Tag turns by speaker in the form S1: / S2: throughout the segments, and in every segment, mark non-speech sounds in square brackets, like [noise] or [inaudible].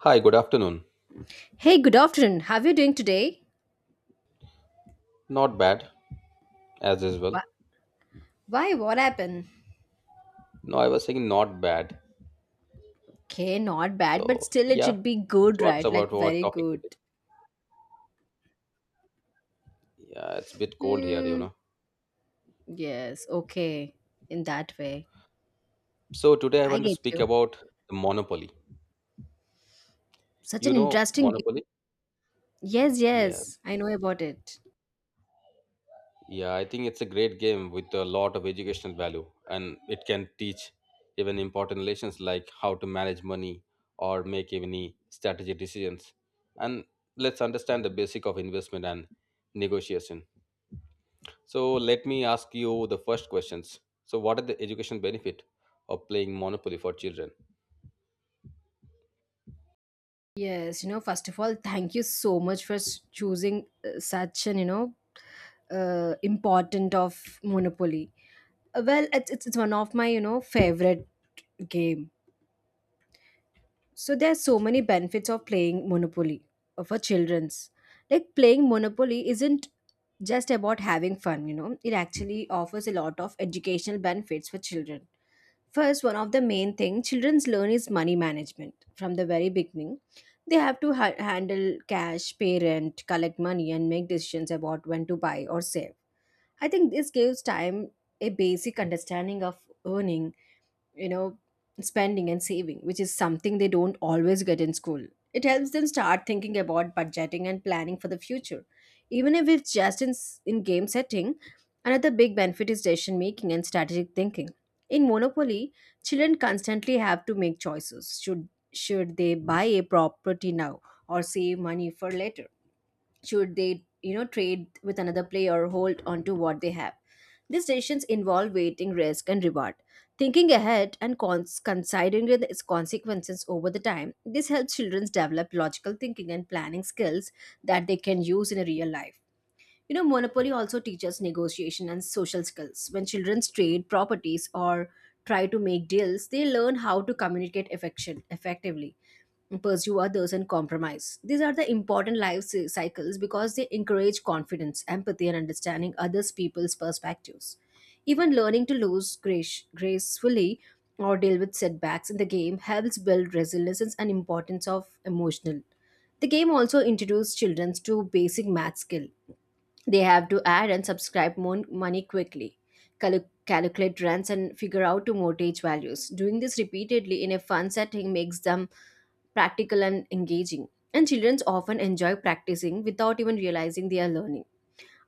S1: Hi, good afternoon.
S2: Hey, good afternoon. How are you doing today?
S1: Not bad, as usual.
S2: Why? Why? What happened?
S1: No, I was saying not bad.
S2: Okay, not bad, but
S1: So,
S2: still it
S1: yeah,
S2: should be good,
S1: so what's
S2: right? Like
S1: about our
S2: very
S1: topic
S2: good.
S1: today? Yeah, it's a bit cold here, you
S2: Hmm.
S1: know.
S2: Yes. Okay. In that way,
S1: So, today I
S2: I
S1: want to
S2: get
S1: speak
S2: you.
S1: about the Monopoly.
S2: Such
S1: You
S2: an
S1: know
S2: interesting.
S1: Monopoly?
S2: Yes.
S1: Yes.
S2: Yes. I know about it.
S1: Yeah, I think it's a great game with a lot of educational value, and it can teach even important lessons like how to manage money or make any strategy decisions. And let's understand the basic of investment and negotiation. So let me ask you the first questions. So what are the education benefit of playing Monopoly for children?
S2: Yes. You know. First of all, thank you so much for choosing such an important of Monopoly. Well, it's one of my favorite game. So there are so many benefits of playing Monopoly for children's. Like playing Monopoly isn't just about having fun, you know. It actually offers a lot of educational benefits for children. First, one of the main thing childrens learn is money management from the very beginning. They have to handle cash, pay rent, collect money, and make decisions about when to buy or save. I think this gives time a basic understanding of earning, you know, spending and saving, which is something they don't always get in school. It helps them start thinking about budgeting and planning for the future. Even if it's just in game setting, another big benefit is decision making and strategic thinking. In Monopoly, children constantly have to make choices. Should they buy a property now or save money for later? Should they, you know, trade with another player or hold on to what they have? These decisions involve weighting risk and reward, thinking ahead and considering its consequences over the time. This helps children develop logical thinking and planning skills that they can use in a real life. You know, monopoly also teaches negotiation and social skills. When children trade properties or try to make deals, they learn how to communicate affection effectively, pursue others and compromise. These are the important life cycles because they encourage confidence, empathy, and understanding others' people's perspectives. Even learning to gracefully or deal with setbacks in the game helps build resilience and importance of emotional. The game also introduces children to basic math skill. They have to add and subscribe money quickly, calculate rents, and figure out to mortgage values. Doing this repeatedly in a fun setting makes them practical and engaging. And children often enjoy practicing without even realizing they are learning.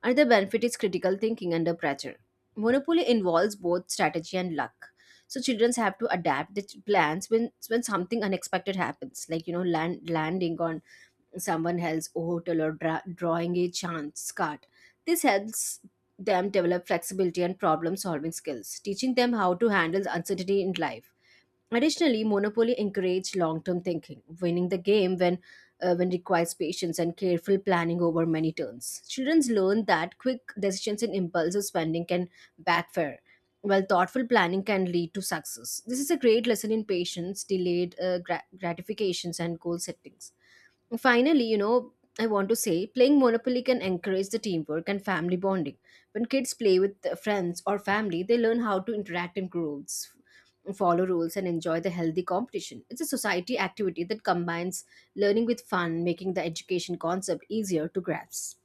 S2: Another benefit is critical thinking under pressure. Monopoly involves both strategy and luck. So children have to adapt the plans when something unexpected happens, like, you know, landing on someone else's hotel or drawing a chance card. This helps them develop flexibility and problem solving skills, teaching them how to handle uncertainty in life. Additionally, Monopoly encouraged long-term thinking. Winning the game when requires patience and careful planning over many turns. Children learn that quick decisions and impulsive spending can backfire, while thoughtful planning can lead to success. This is a great lesson in patience, delayed gratifications, and goal settings. Finally, you know, I want to say playing Monopoly can encourage the teamwork and family bonding. When kids play with their friends or family, they learn how to interact in groups, follow rules, and enjoy the healthy competition. It's a society activity that combines learning with fun, making the education concept easier to grasp.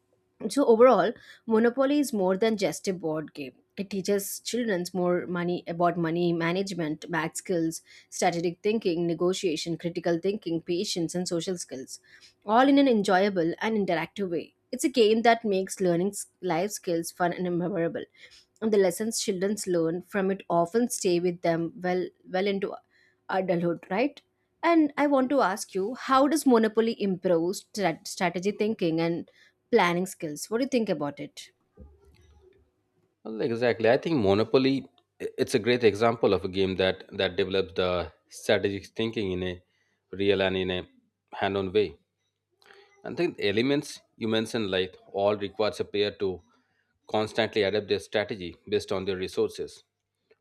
S2: So overall, Monopoly is more than just a board game. It teaches children more money about money management, math skills, strategic thinking, negotiation, critical thinking, patience, and social skills all in an enjoyable and interactive way. It's a game that makes learning life skills fun and memorable, and the lessons children learn from it often stay with them well into adulthood, right? And I want to ask you, how does Monopoly improve strategy thinking and planning skills? What do you think about it?
S1: Well, exactly. I think Monopoly it's a great example of a game that develops the strategic thinking in a real and in a hand-on way. And think the elements you mentioned like all requires a player to constantly adapt their strategy based on their resources,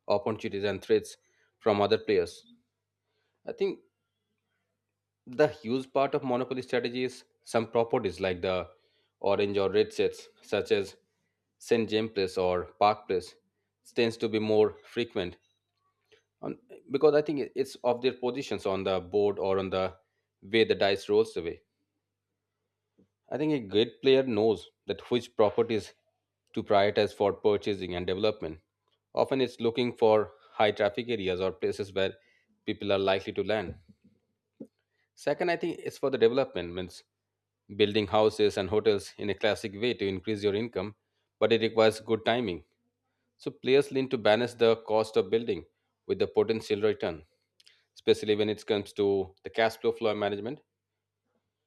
S1: opportunities and threats from other players. I think the huge part of monopoly strategy is some properties like the orange or red sets, such as St. James Place or Park Place, tends to be more frequent on, because I think it's of their positions on the board or on the way the dice rolls away. I think a great player knows that which properties to prioritize for purchasing and development. Often it's looking for high traffic areas or places where people are likely to land. Second, I think it's for the development means building houses and hotels in a classic way to increase your income, but it requires good timing. So players lean to balance the cost of building with the potential return, especially when it comes to the cash flow management.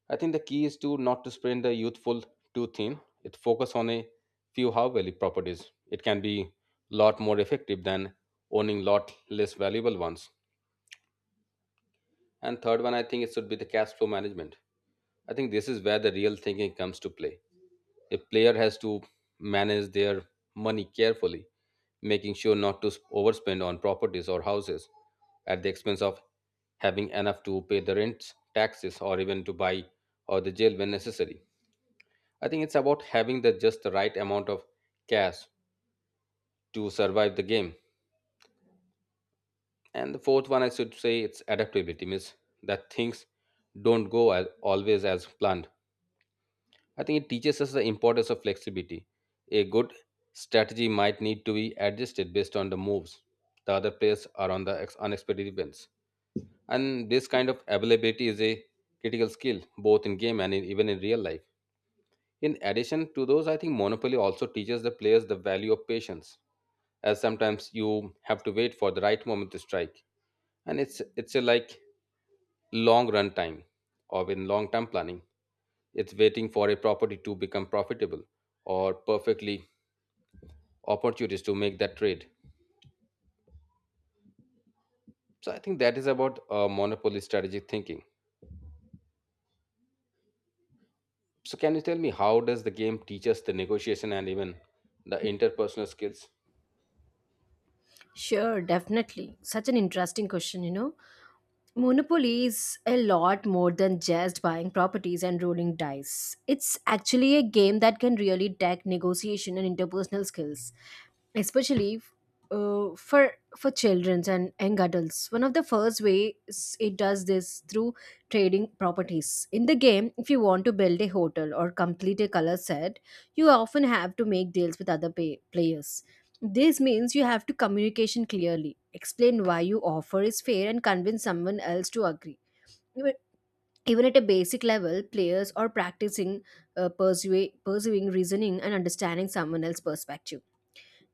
S1: I think the key is to not to spread the youthful too thin. It focus on a few high value properties. It can be lot more effective than owning lot less valuable ones. And third one, I think it should be the cash flow management. I think this is where the real thinking comes to play. A player has to manage their money carefully, making sure not to overspend on properties or houses at the expense of having enough to pay the rents, taxes, or even to buy or the jail when necessary. I think it's about having the just the right amount of cash to survive the game. And the fourth one, I should say, it's adaptability means that things don't go as, always as planned. I think it teaches us the importance of flexibility. A good strategy might need to be adjusted based on the moves the other players are on the ex- unexpected events. And this kind of availability is a critical skill both in game and in, even in real life. In addition to those, I think Monopoly also teaches the players the value of patience, as sometimes you have to wait for the right moment to strike, and it's a like long run time or in long term planning. It's waiting for a property to become profitable or perfectly opportunities to make that trade. So I think that is about monopoly strategic thinking. So can you tell me how does the game teach us the negotiation and even the interpersonal skills?
S2: Sure, definitely. Such an interesting question, you know. Monopoly is a lot more than just buying properties and rolling dice. It's actually a game that can really tech negotiation and interpersonal skills, especially, for children and young adults. One of the first ways it does this through trading properties. In the game, if you want to build a hotel or complete a color set, you often have to make deals with other players. This means you have to communication clearly, explain why your offer is fair and convince someone else to agree. Even even at a basic level, players are practicing pursuing reasoning and understanding someone else's perspective.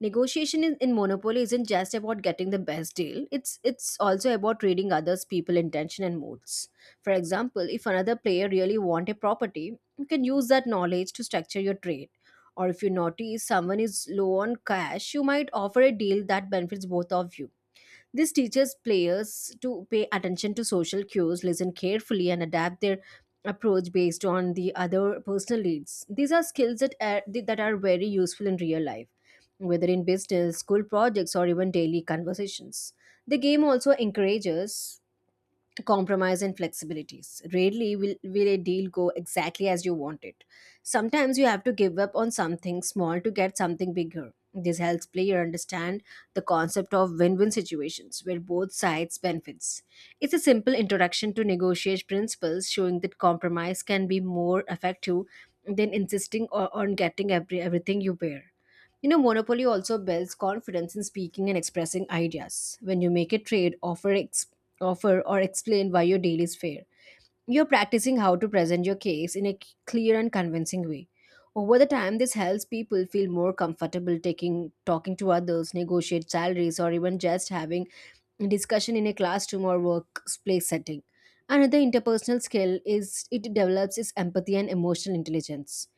S2: Negotiation in monopoly isn't just about getting the best deal. It's also about reading others people intention and moods. For example, if another player really want a property, you can use that knowledge to structure your trade, or if you notice someone is low on cash, you might offer a deal that benefits both of you. This teaches players to pay attention to social cues, listen carefully, and adapt their approach based on the other personal needs. These are skills that are very useful in real life, whether in business, school projects, or even daily conversations. The game also encourages compromise and flexibilities. Will a deal go exactly as you want it. Sometimes you have to give up on something small to get something bigger. This helps player understand the concept of win-win situations where both sides benefits. It's a simple introduction to negotiate principles, showing that compromise can be more effective than insisting on getting everything you bear. You know, monopoly also builds confidence in speaking and expressing ideas. When you make a offer or explain why your deal is fair. You're practicing how to present your case in a clear and convincing way. Over the time, this helps people feel more comfortable taking talking to others, negotiate salaries, or even just having a discussion in a classroom or workplace setting. Another interpersonal skill is it develops is empathy and emotional intelligence.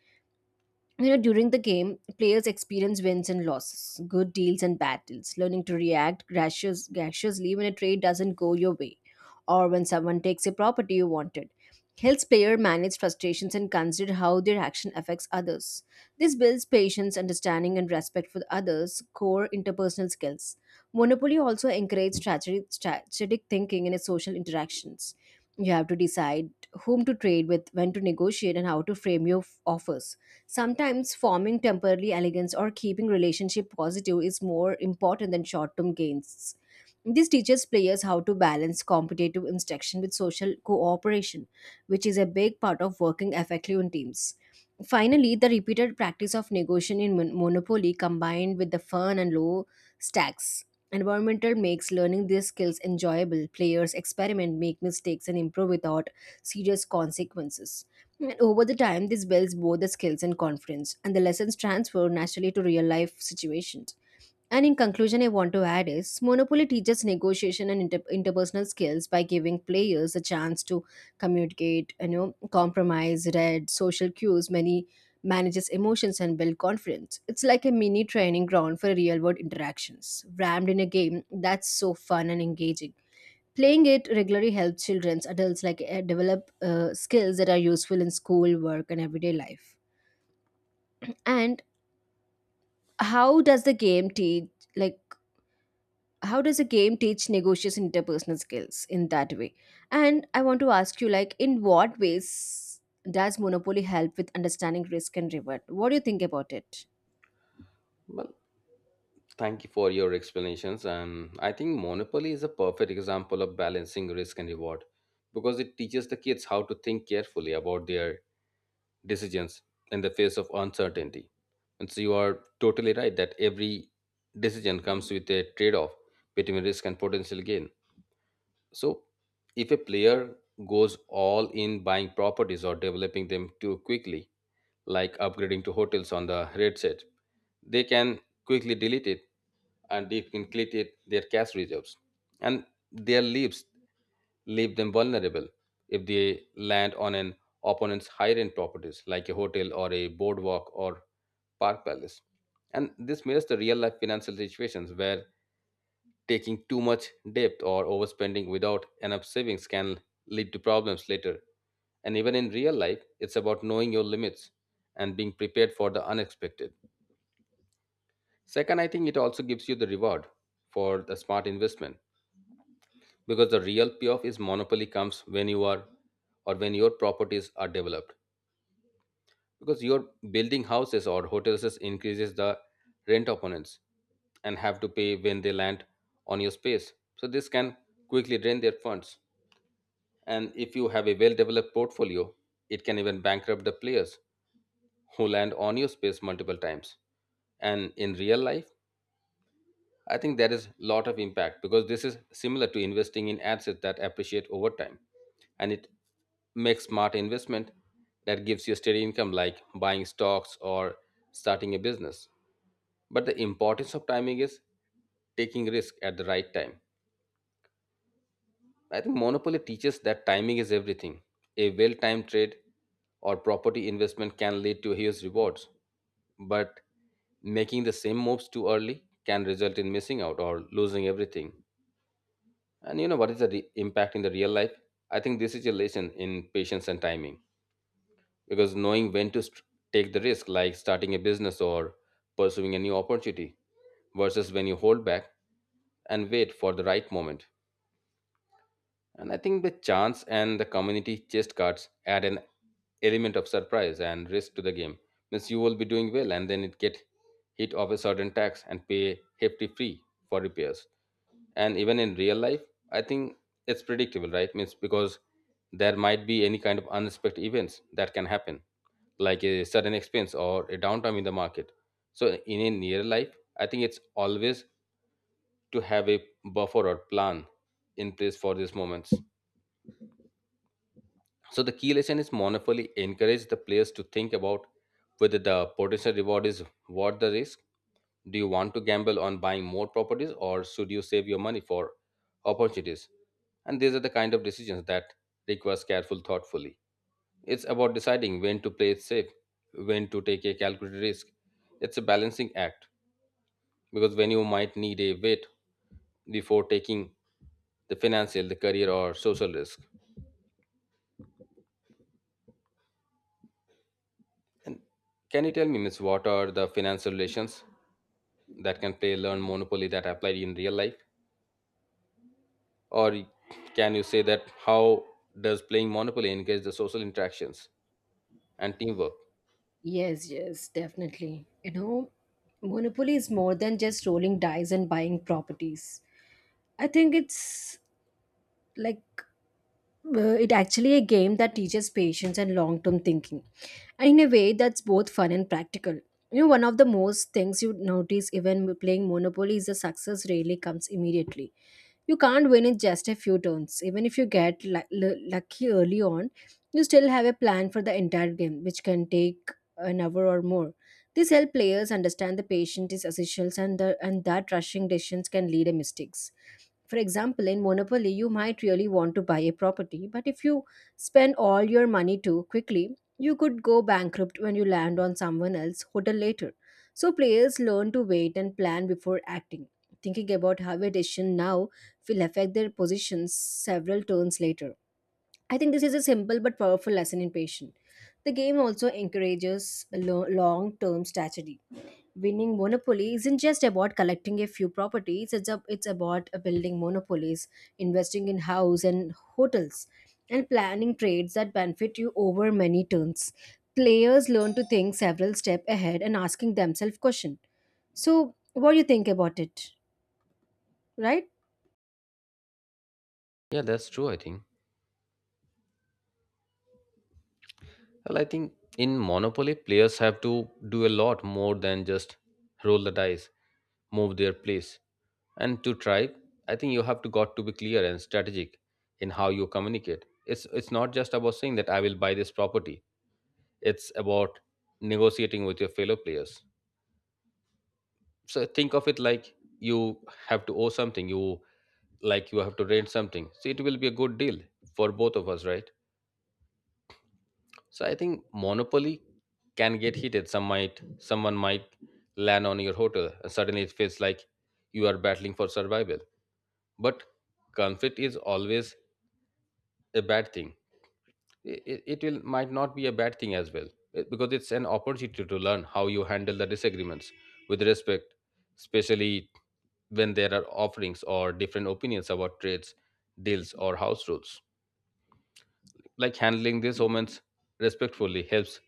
S2: You know, during the game players experience wins and losses, good deals and bad deals. Learning to graciously when a trade doesn't go your way or when someone takes a property you wanted helps player manage frustrations and consider how their action affects others. This builds patience, understanding and respect for others, core interpersonal skills. Monopoly also encourages strategic thinking in its social interactions. You have to decide whom to trade with, when to negotiate and how to frame your offers. Sometimes forming temporary elegance or keeping relationship positive is more important than short-term gains. This teaches players how to balance competitive instruction with social cooperation, which is a big part of working effectively in teams. Finally, the repeated practice of negotiation in Monopoly combined with the fun and low stacks environmental makes learning these skills enjoyable. Players experiment, make mistakes, and improve without serious consequences. And over the time, this builds both the skills and confidence, and the lessons transfer naturally to real life situations. And in conclusion, I want to add is Monopoly teaches negotiation and interpersonal skills by giving players a chance to communicate, you know, compromise, read social cues, many manages emotions and build confidence. It's like a mini training ground for real world interactions, rammed in a game that's so fun and engaging. Playing it regularly helps children, adults like, develop skills that are useful in school, work, and everyday life. And how does the game teach like? How does a game teach negotiation interpersonal skills in that way, and I want to ask you like, in what ways does monopoly help with understanding risk and reward? What do you think about it?
S1: Well, thank you for your explanations and I think monopoly is a perfect example of balancing risk and reward because it teaches the kids how to think carefully about their decisions in the face of uncertainty. And so you are totally right that every decision comes with a trade off between risk and potential gain. So if a player goes all in buying properties or developing them too quickly, like upgrading to hotels on the red set, they can quickly delete it and deplete their cash reserves. And their lives leave them vulnerable if they land on an opponent's high-end properties like a hotel or a boardwalk or park palace. And this mirrors the real-life financial situations where taking too much debt or overspending without enough savings can lead to problems later. And even in real life, it's about knowing your limits and being prepared for the unexpected. Second, I think it also gives you the reward for the smart investment because the real payoff is monopoly comes when you are or when your properties are developed because your building houses or hotels increases the rent opponents and have to pay when they land on your space. So this can quickly drain their funds, and if you have a well developed portfolio it can even bankrupt the players who land on your space multiple times. And in real life I think there is lot of impact because this is similar to investing in assets that appreciate over time. And it makes smart investment that gives you steady income like buying stocks or starting a business. But the importance of timing is taking risk at the right time. I think Monopoly teaches that timing is everything. A well-timed trade or property investment can lead to huge rewards, but making the same moves too early can result in missing out or losing everything. And you know what is the re- impact in the real life? I think this is a lesson in patience and timing because knowing when to st- take the risk, like starting a business or pursuing a new opportunity, versus when you hold back and wait for the right moment. And I think the chance and the community chest cards add an element of surprise and risk to the game. Means you will be doing well and then it get hit of a certain tax and pay hefty fee for repairs. And even in real life, I think it's predictable, right? Means because there might be any kind of unexpected events that can happen, like a sudden expense or a downtime in the market. So in a near life, I think it's always to have a buffer or plan in place for these moments. So the key lesson is Monopoly encourage the players to think about whether the potential reward is worth the risk. Do you want to gamble on buying more properties or should you save your money for opportunities? And these are the kind of decisions that requires careful thoughtfully. It's about deciding when to play it safe, when to take a calculated risk. It's a balancing act because when you might need a wait before taking the financial, the career or social risk. And can you tell me, Miss, what are the financial relations that can play learn monopoly that applied in real life, or can you say that how does playing monopoly engage the social interactions and teamwork?
S2: Yes, yes, definitely. You know, Monopoly is more than just rolling dice and buying properties. I think it's like, it actually a game that teaches patience and long-term thinking and in a way that's both fun and practical. You know, one of the most things you notice even playing monopoly is the success rarely comes immediately. You can't win in just a few turns. Even if you get lucky early on, you still have a plan for the entire game, which can take an hour or more. This helps players understand the patience is essential, and that rushing decisions can lead to mistakes. For example, in Monopoly, you might really want to buy a property, but if you spend all your money too quickly, you could go bankrupt when you land on someone else's hotel later. So players learn to wait and plan before acting, thinking about how a decision now will affect their positions several turns later. I think this is a simple but powerful lesson in patience. The game also encourages long term strategy winning monopoly isn't just about collecting a few properties it's about building monopolies investing in house and hotels and planning trades that benefit you over many turns players learn to think several steps ahead and asking themselves question so what do you think about it right.
S1: Yeah, that's true. I think, well, I think in monopoly players have to do a lot more than just roll the dice, move their place and to try. I think you have to got to be clear and strategic in how you communicate. It's not just about saying that I will buy this property, it's about negotiating with your fellow players. So think of it like you have to owe something, you like you have to rent something, so it will be a good deal for both of us, right? So I think monopoly can get heated. Some might someone might land on your hotel and suddenly it feels like you are battling for survival. But conflict is always a bad thing. It will might not be a bad thing as well. It- because it's an opportunity to learn how you handle the disagreements with respect, especially when there are offerings or different opinions about trades, deals or house rules. Like handling these moments respectfully helps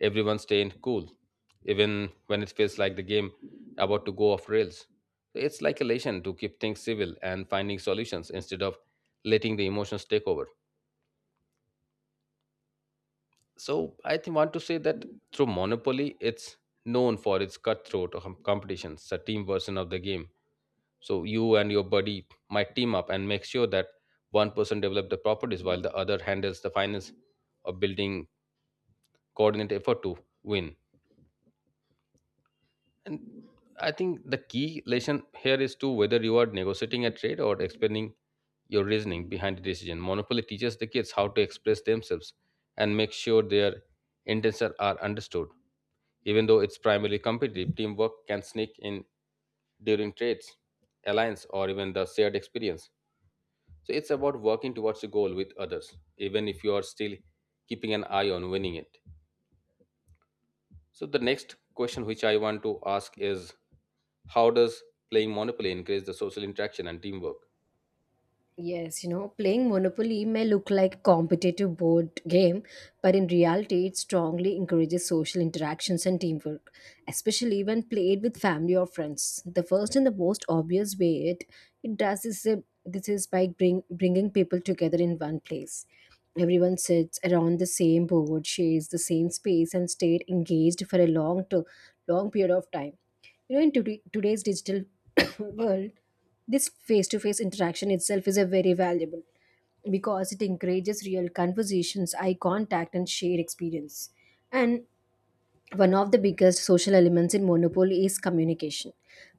S1: everyone stay cool even when it feels like the game about to go off rails. It's like a lesson to keep things civil and finding solutions instead of letting the emotions take over. So I think want to say that through Monopoly, it's known for its cutthroat com- competitions, the team version of the game. So you and your buddy might team up and make sure that one person develops the properties while the other handles the finance or building coordinate effort to win. And I think the key lesson here is to whether you are negotiating a trade or explaining your reasoning behind the decision. Monopoly teaches the kids how to express themselves and make sure their intentions are understood. Even though it's primarily competitive, teamwork can sneak in during trades, alliance, or even the shared experience. So it's about working towards a goal with others, even if you are still keeping an eye on winning it. So the next question which I want to ask is how does playing Monopoly increase the social interaction and teamwork?
S2: Yes, playing Monopoly may look like a competitive board game, but in reality, it strongly encourages social interactions and teamwork, especially when played with family or friends. The first and the most obvious way it does is this is by bringing people together in one place. Everyone sits around the same board, shares the same space, and stayed engaged for a long period of time. In today's digital [coughs] world, this face to face interaction itself is a very valuable because it encourages real conversations, eye contact, and shared experience. And one of the biggest social elements in Monopoly is communication.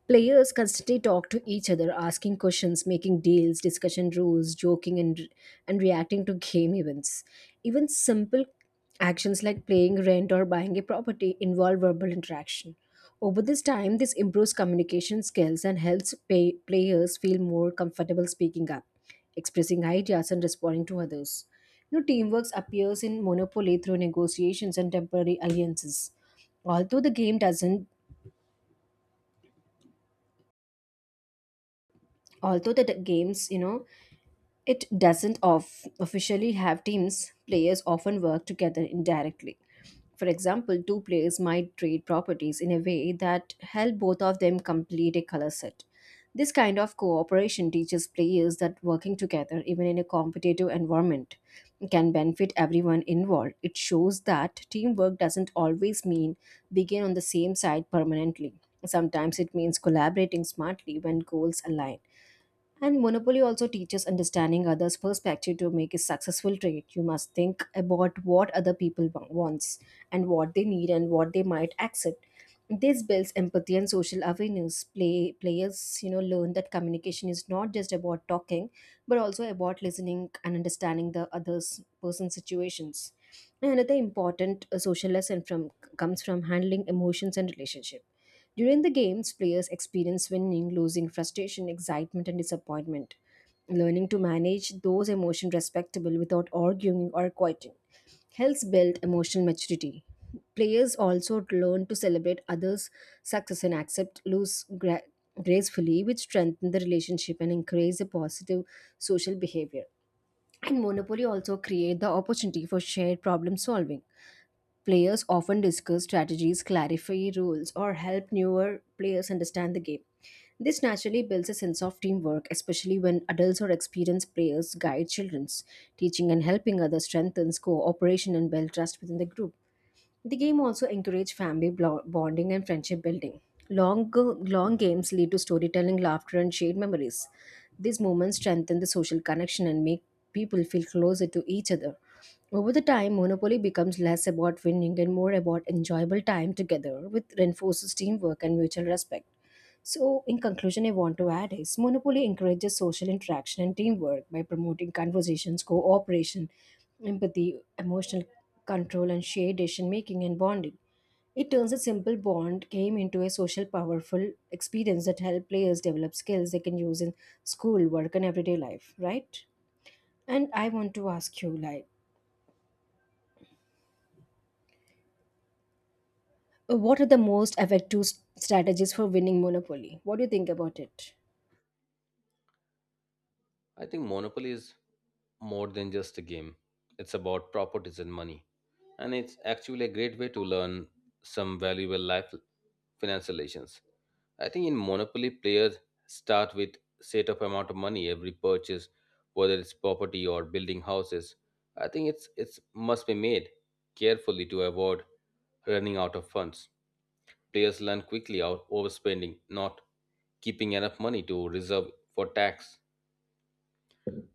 S2: Players constantly talk to each other, asking questions, making deals, discussing rules, joking, and reacting to game events. Even simple actions like paying rent or buying a property involve verbal interaction. Over this time, this improves communication skills and helps players feel more comfortable speaking up expressing ideas and responding to others. Teamwork appears in Monopoly through negotiations and temporary alliances. Although the game doesn't, although the games, you know, It doesn't of officially have teams, players often work together indirectly. For example, two players might trade properties in a way that help both of them complete a color set. This kind of cooperation teaches players that working together, even in a competitive environment, can benefit everyone involved. It shows that teamwork doesn't always mean being on the same side permanently. Sometimes it means collaborating smartly when goals align. And monopoly also teaches understanding others' perspective to make a successful trade. You must think about what other people wants and what they need and what they might accept. This builds empathy and social awareness. Players, learn that communication is not just about talking, but also about listening and understanding the other's person's situations. And another important social lesson from comes from handling emotions and relationships during the games, players experience winning, losing, frustration, excitement, and disappointment. Learning to manage those emotions respectable without arguing or quitting helps build emotional maturity. Players also learn to celebrate others' success and accept gracefully, which strengthen the relationship and encourage a positive social behavior. And Monopoly also create the opportunity for shared problem solving. Players often discuss strategies, clarify rules, or help newer players understand the game. This naturally builds a sense of teamwork, especially when adults or experienced players guide children. Teaching and helping others strengthens cooperation and builds trust within the group. The game also encourages family bonding and friendship building. Long games lead to storytelling, laughter, and shared memories. These moments strengthen the social connection and make people feel closer to each other. Over the time, Monopoly becomes less about winning and more about enjoyable time together, which reinforces teamwork and mutual respect. So, in conclusion, I want to add is Monopoly encourages social interaction and teamwork by promoting conversations, cooperation, empathy, emotional control, and shared decision making and bonding. It turns a simple bond game into a social, powerful experience that helps players develop skills they can use in school, work, and everyday life, right? And I want to ask you, like, what are the most effective strategies for winning Monopoly? What do you think about it?
S1: I think Monopoly is more than just a game. It's about properties and money. And it's actually a great way to learn some valuable life financial relations. I think in Monopoly, players start with set of amount of money every purchase, whether it's property or building houses. I think it's must be made carefully to avoid running out of funds. Players learn quickly out overspending, not keeping enough money to reserve for tax.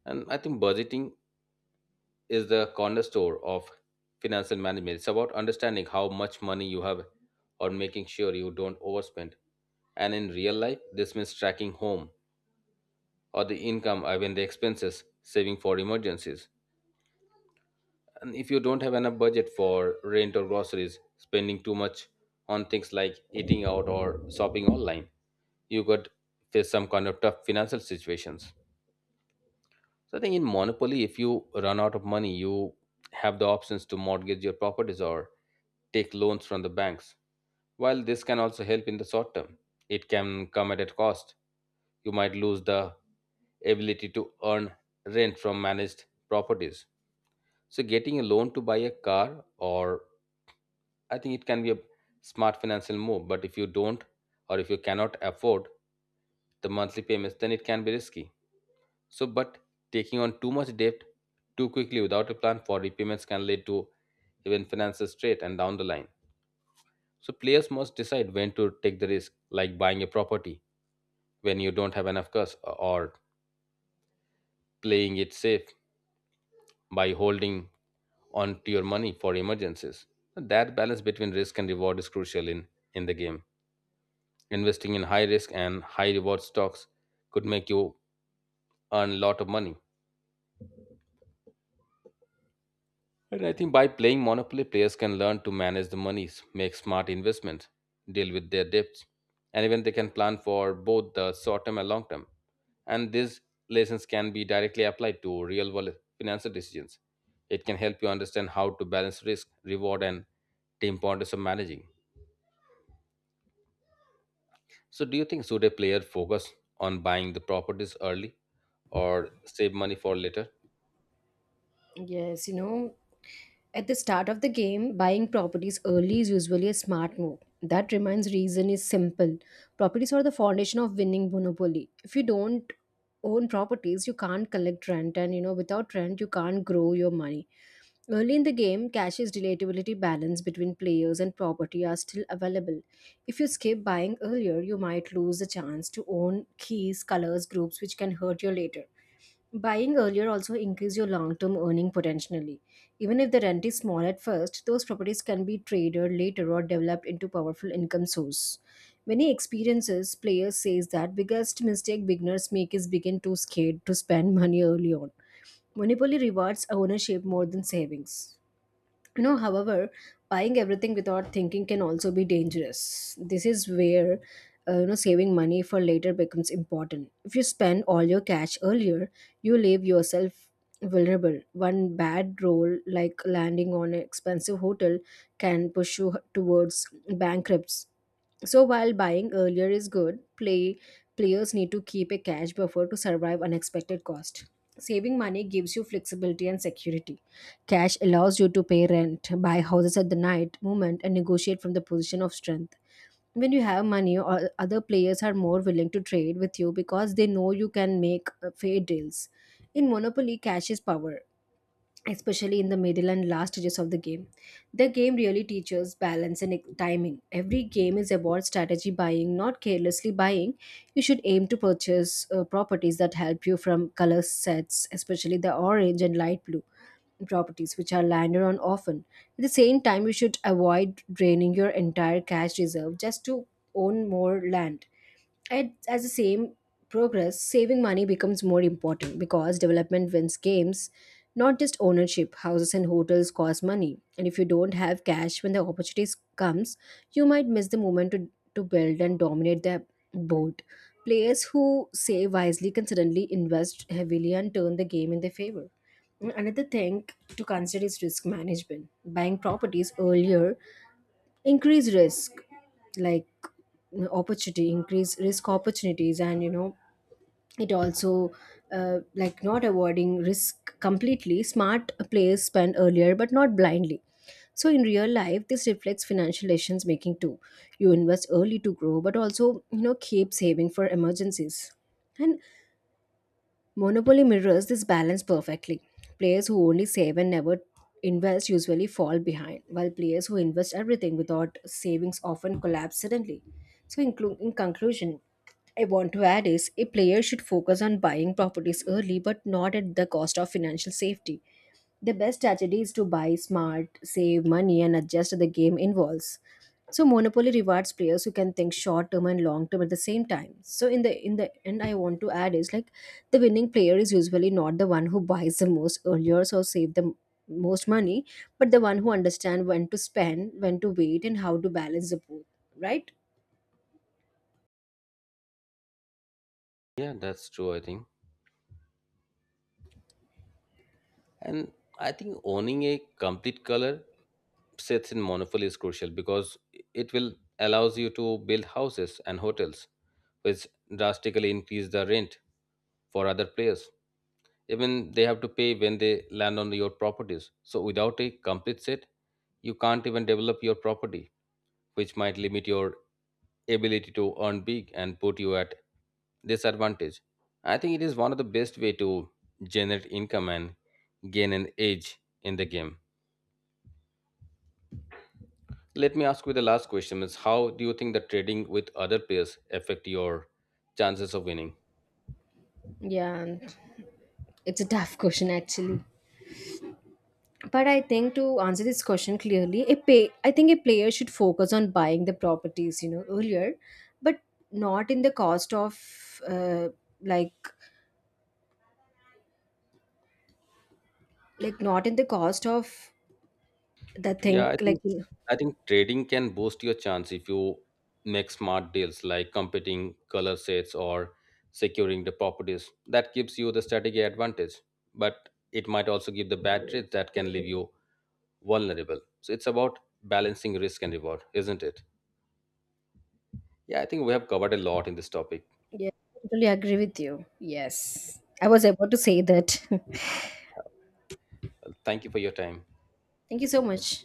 S1: And I think budgeting is the cornerstone of financial management. It's about understanding how much money you have or making sure you don't overspend. And in real life, this means tracking home or the income, I mean the expenses, saving for emergencies. And if you don't have enough budget for rent or groceries, spending too much on things like eating out or shopping online, you could face some kind of tough financial situations. So I think in Monopoly, if you run out of money, you have the options to mortgage your properties or take loans from the banks. While this can also help in the short term, it can come at a cost. You might lose the ability to earn rent from managed properties. So getting a loan to buy a car or I think it can be a smart financial move, but if you don't or if you cannot afford the monthly payments, then it can be risky. So, but taking on too much debt too quickly without a plan for repayments can lead to even financial straight and down the line. So, players must decide when to take the risk, like buying a property when you don't have enough cash, or playing it safe by holding on to your money for emergencies. So, that balance between risk and reward is crucial in the game. Investing in high risk and high reward stocks could make you earn a lot of money, and I think by playing Monopoly, players can learn to manage the monies, make smart investments, deal with their debts, and even they can plan for both the short term and long term. And these lessons can be directly applied to real world financial decisions. It can help you understand how to balance risk, reward, and the importance of managing. So, do you think should a player focus on buying the properties early or save money for later?
S2: Yes, at the start of the game, buying properties early is usually a smart move. That reminds reason is simple. Properties are the foundation of winning monopoly. If you don't own properties, you can't collect rent and without rent you can't grow your money. Early in the game, cash's relatability balance between players and property are still available. If you skip buying earlier, you might lose the chance to own keys, colors, groups, which can hurt you later. Buying earlier also increase your long-term earning potentially. Even if the rent is small at first, those properties can be traded later or developed into powerful income source. Many experiences players says that biggest mistake beginners make is begin too scared to spend [laughs] money early on. Monopoly rewards ownership more than savings. However, buying everything without thinking can also be dangerous. This is where saving money for later becomes important. If you spend all your cash earlier, you leave yourself vulnerable. One bad roll, like landing on an expensive hotel, can push you towards bankruptcy so while buying earlier is good, players need to keep a cash buffer to survive unexpected cost. Saving money gives you flexibility and security. Cash allows you to pay rent, buy houses at the night moment, and negotiate from the position of strength. When you have money, other players are more willing to trade with you because they know you can make fair deals. In Monopoly, cash is power especially in the middle and last stages of the game. The game really teaches balance and timing. Every game is about strategy buying, not carelessly buying. You should aim to purchase properties that help you from color sets, especially the orange and light blue properties which are landed on often. At the same time, you should avoid draining your entire cash reserve just to own more land as the same progress, saving money becomes more important because development wins games, not just ownership. Houses and hotels cost money, and if you don't have cash when the opportunities comes, you might miss the moment to build and dominate the board. Players who save wisely can suddenly invest heavily and turn the game in their favor. Another thing to consider is risk management. Buying properties earlier increase risk like opportunity increase risk opportunities and it also like not avoiding risk completely smart players spend earlier but not blindly so in real life this reflects financial decisions making too you invest early to grow but also keep saving for emergencies and Monopoly mirrors this balance perfectly. Players who only save and never invest usually fall behind, while players who invest everything without savings often collapse suddenly. So, in conclusion, I want to add is a player should focus on buying properties early but not at the cost of financial safety. The best strategy is to buy smart, save money, and adjust the game involves. So Monopoly rewards players who can think short term and long term at the same time. So in the end, I want to add is like the winning player is usually not the one who buys the most earlier or save the most money, but the one who understand when to spend, when to wait, and how to balance the both. Right?
S1: Yeah, that's true, I think. And I think owning a complete color sets in monopoly is crucial because it will allows you to build houses and hotels, which drastically increase the rent for other players. Even they have to pay when they land on your properties. So without a complete set, you can't even develop your property, which might limit your ability to earn big and put you at disadvantage. I think it is one of the best way to generate income and gain an edge in the game. Let me ask you the last question is how do you think that trading with other players affect your chances of winning?
S2: Yeah, it's a tough question actually. But I think to answer this question clearly, I think a player should focus on buying the properties, earlier, but not in the cost of like not in the cost of the thing
S1: Yeah, I
S2: like
S1: think I think trading can boost your chance if you make smart deals like competing color sets or securing the properties. That gives you the strategic advantage, but it might also give the bad trades that can leave you vulnerable. So it's about balancing risk and reward, isn't it? Yeah, I think we have covered a lot in this topic.
S2: yeah, I totally agree with you. Yes. I was about to say that. [laughs]
S1: Yeah. Thank you for your time.
S2: Thank you so much.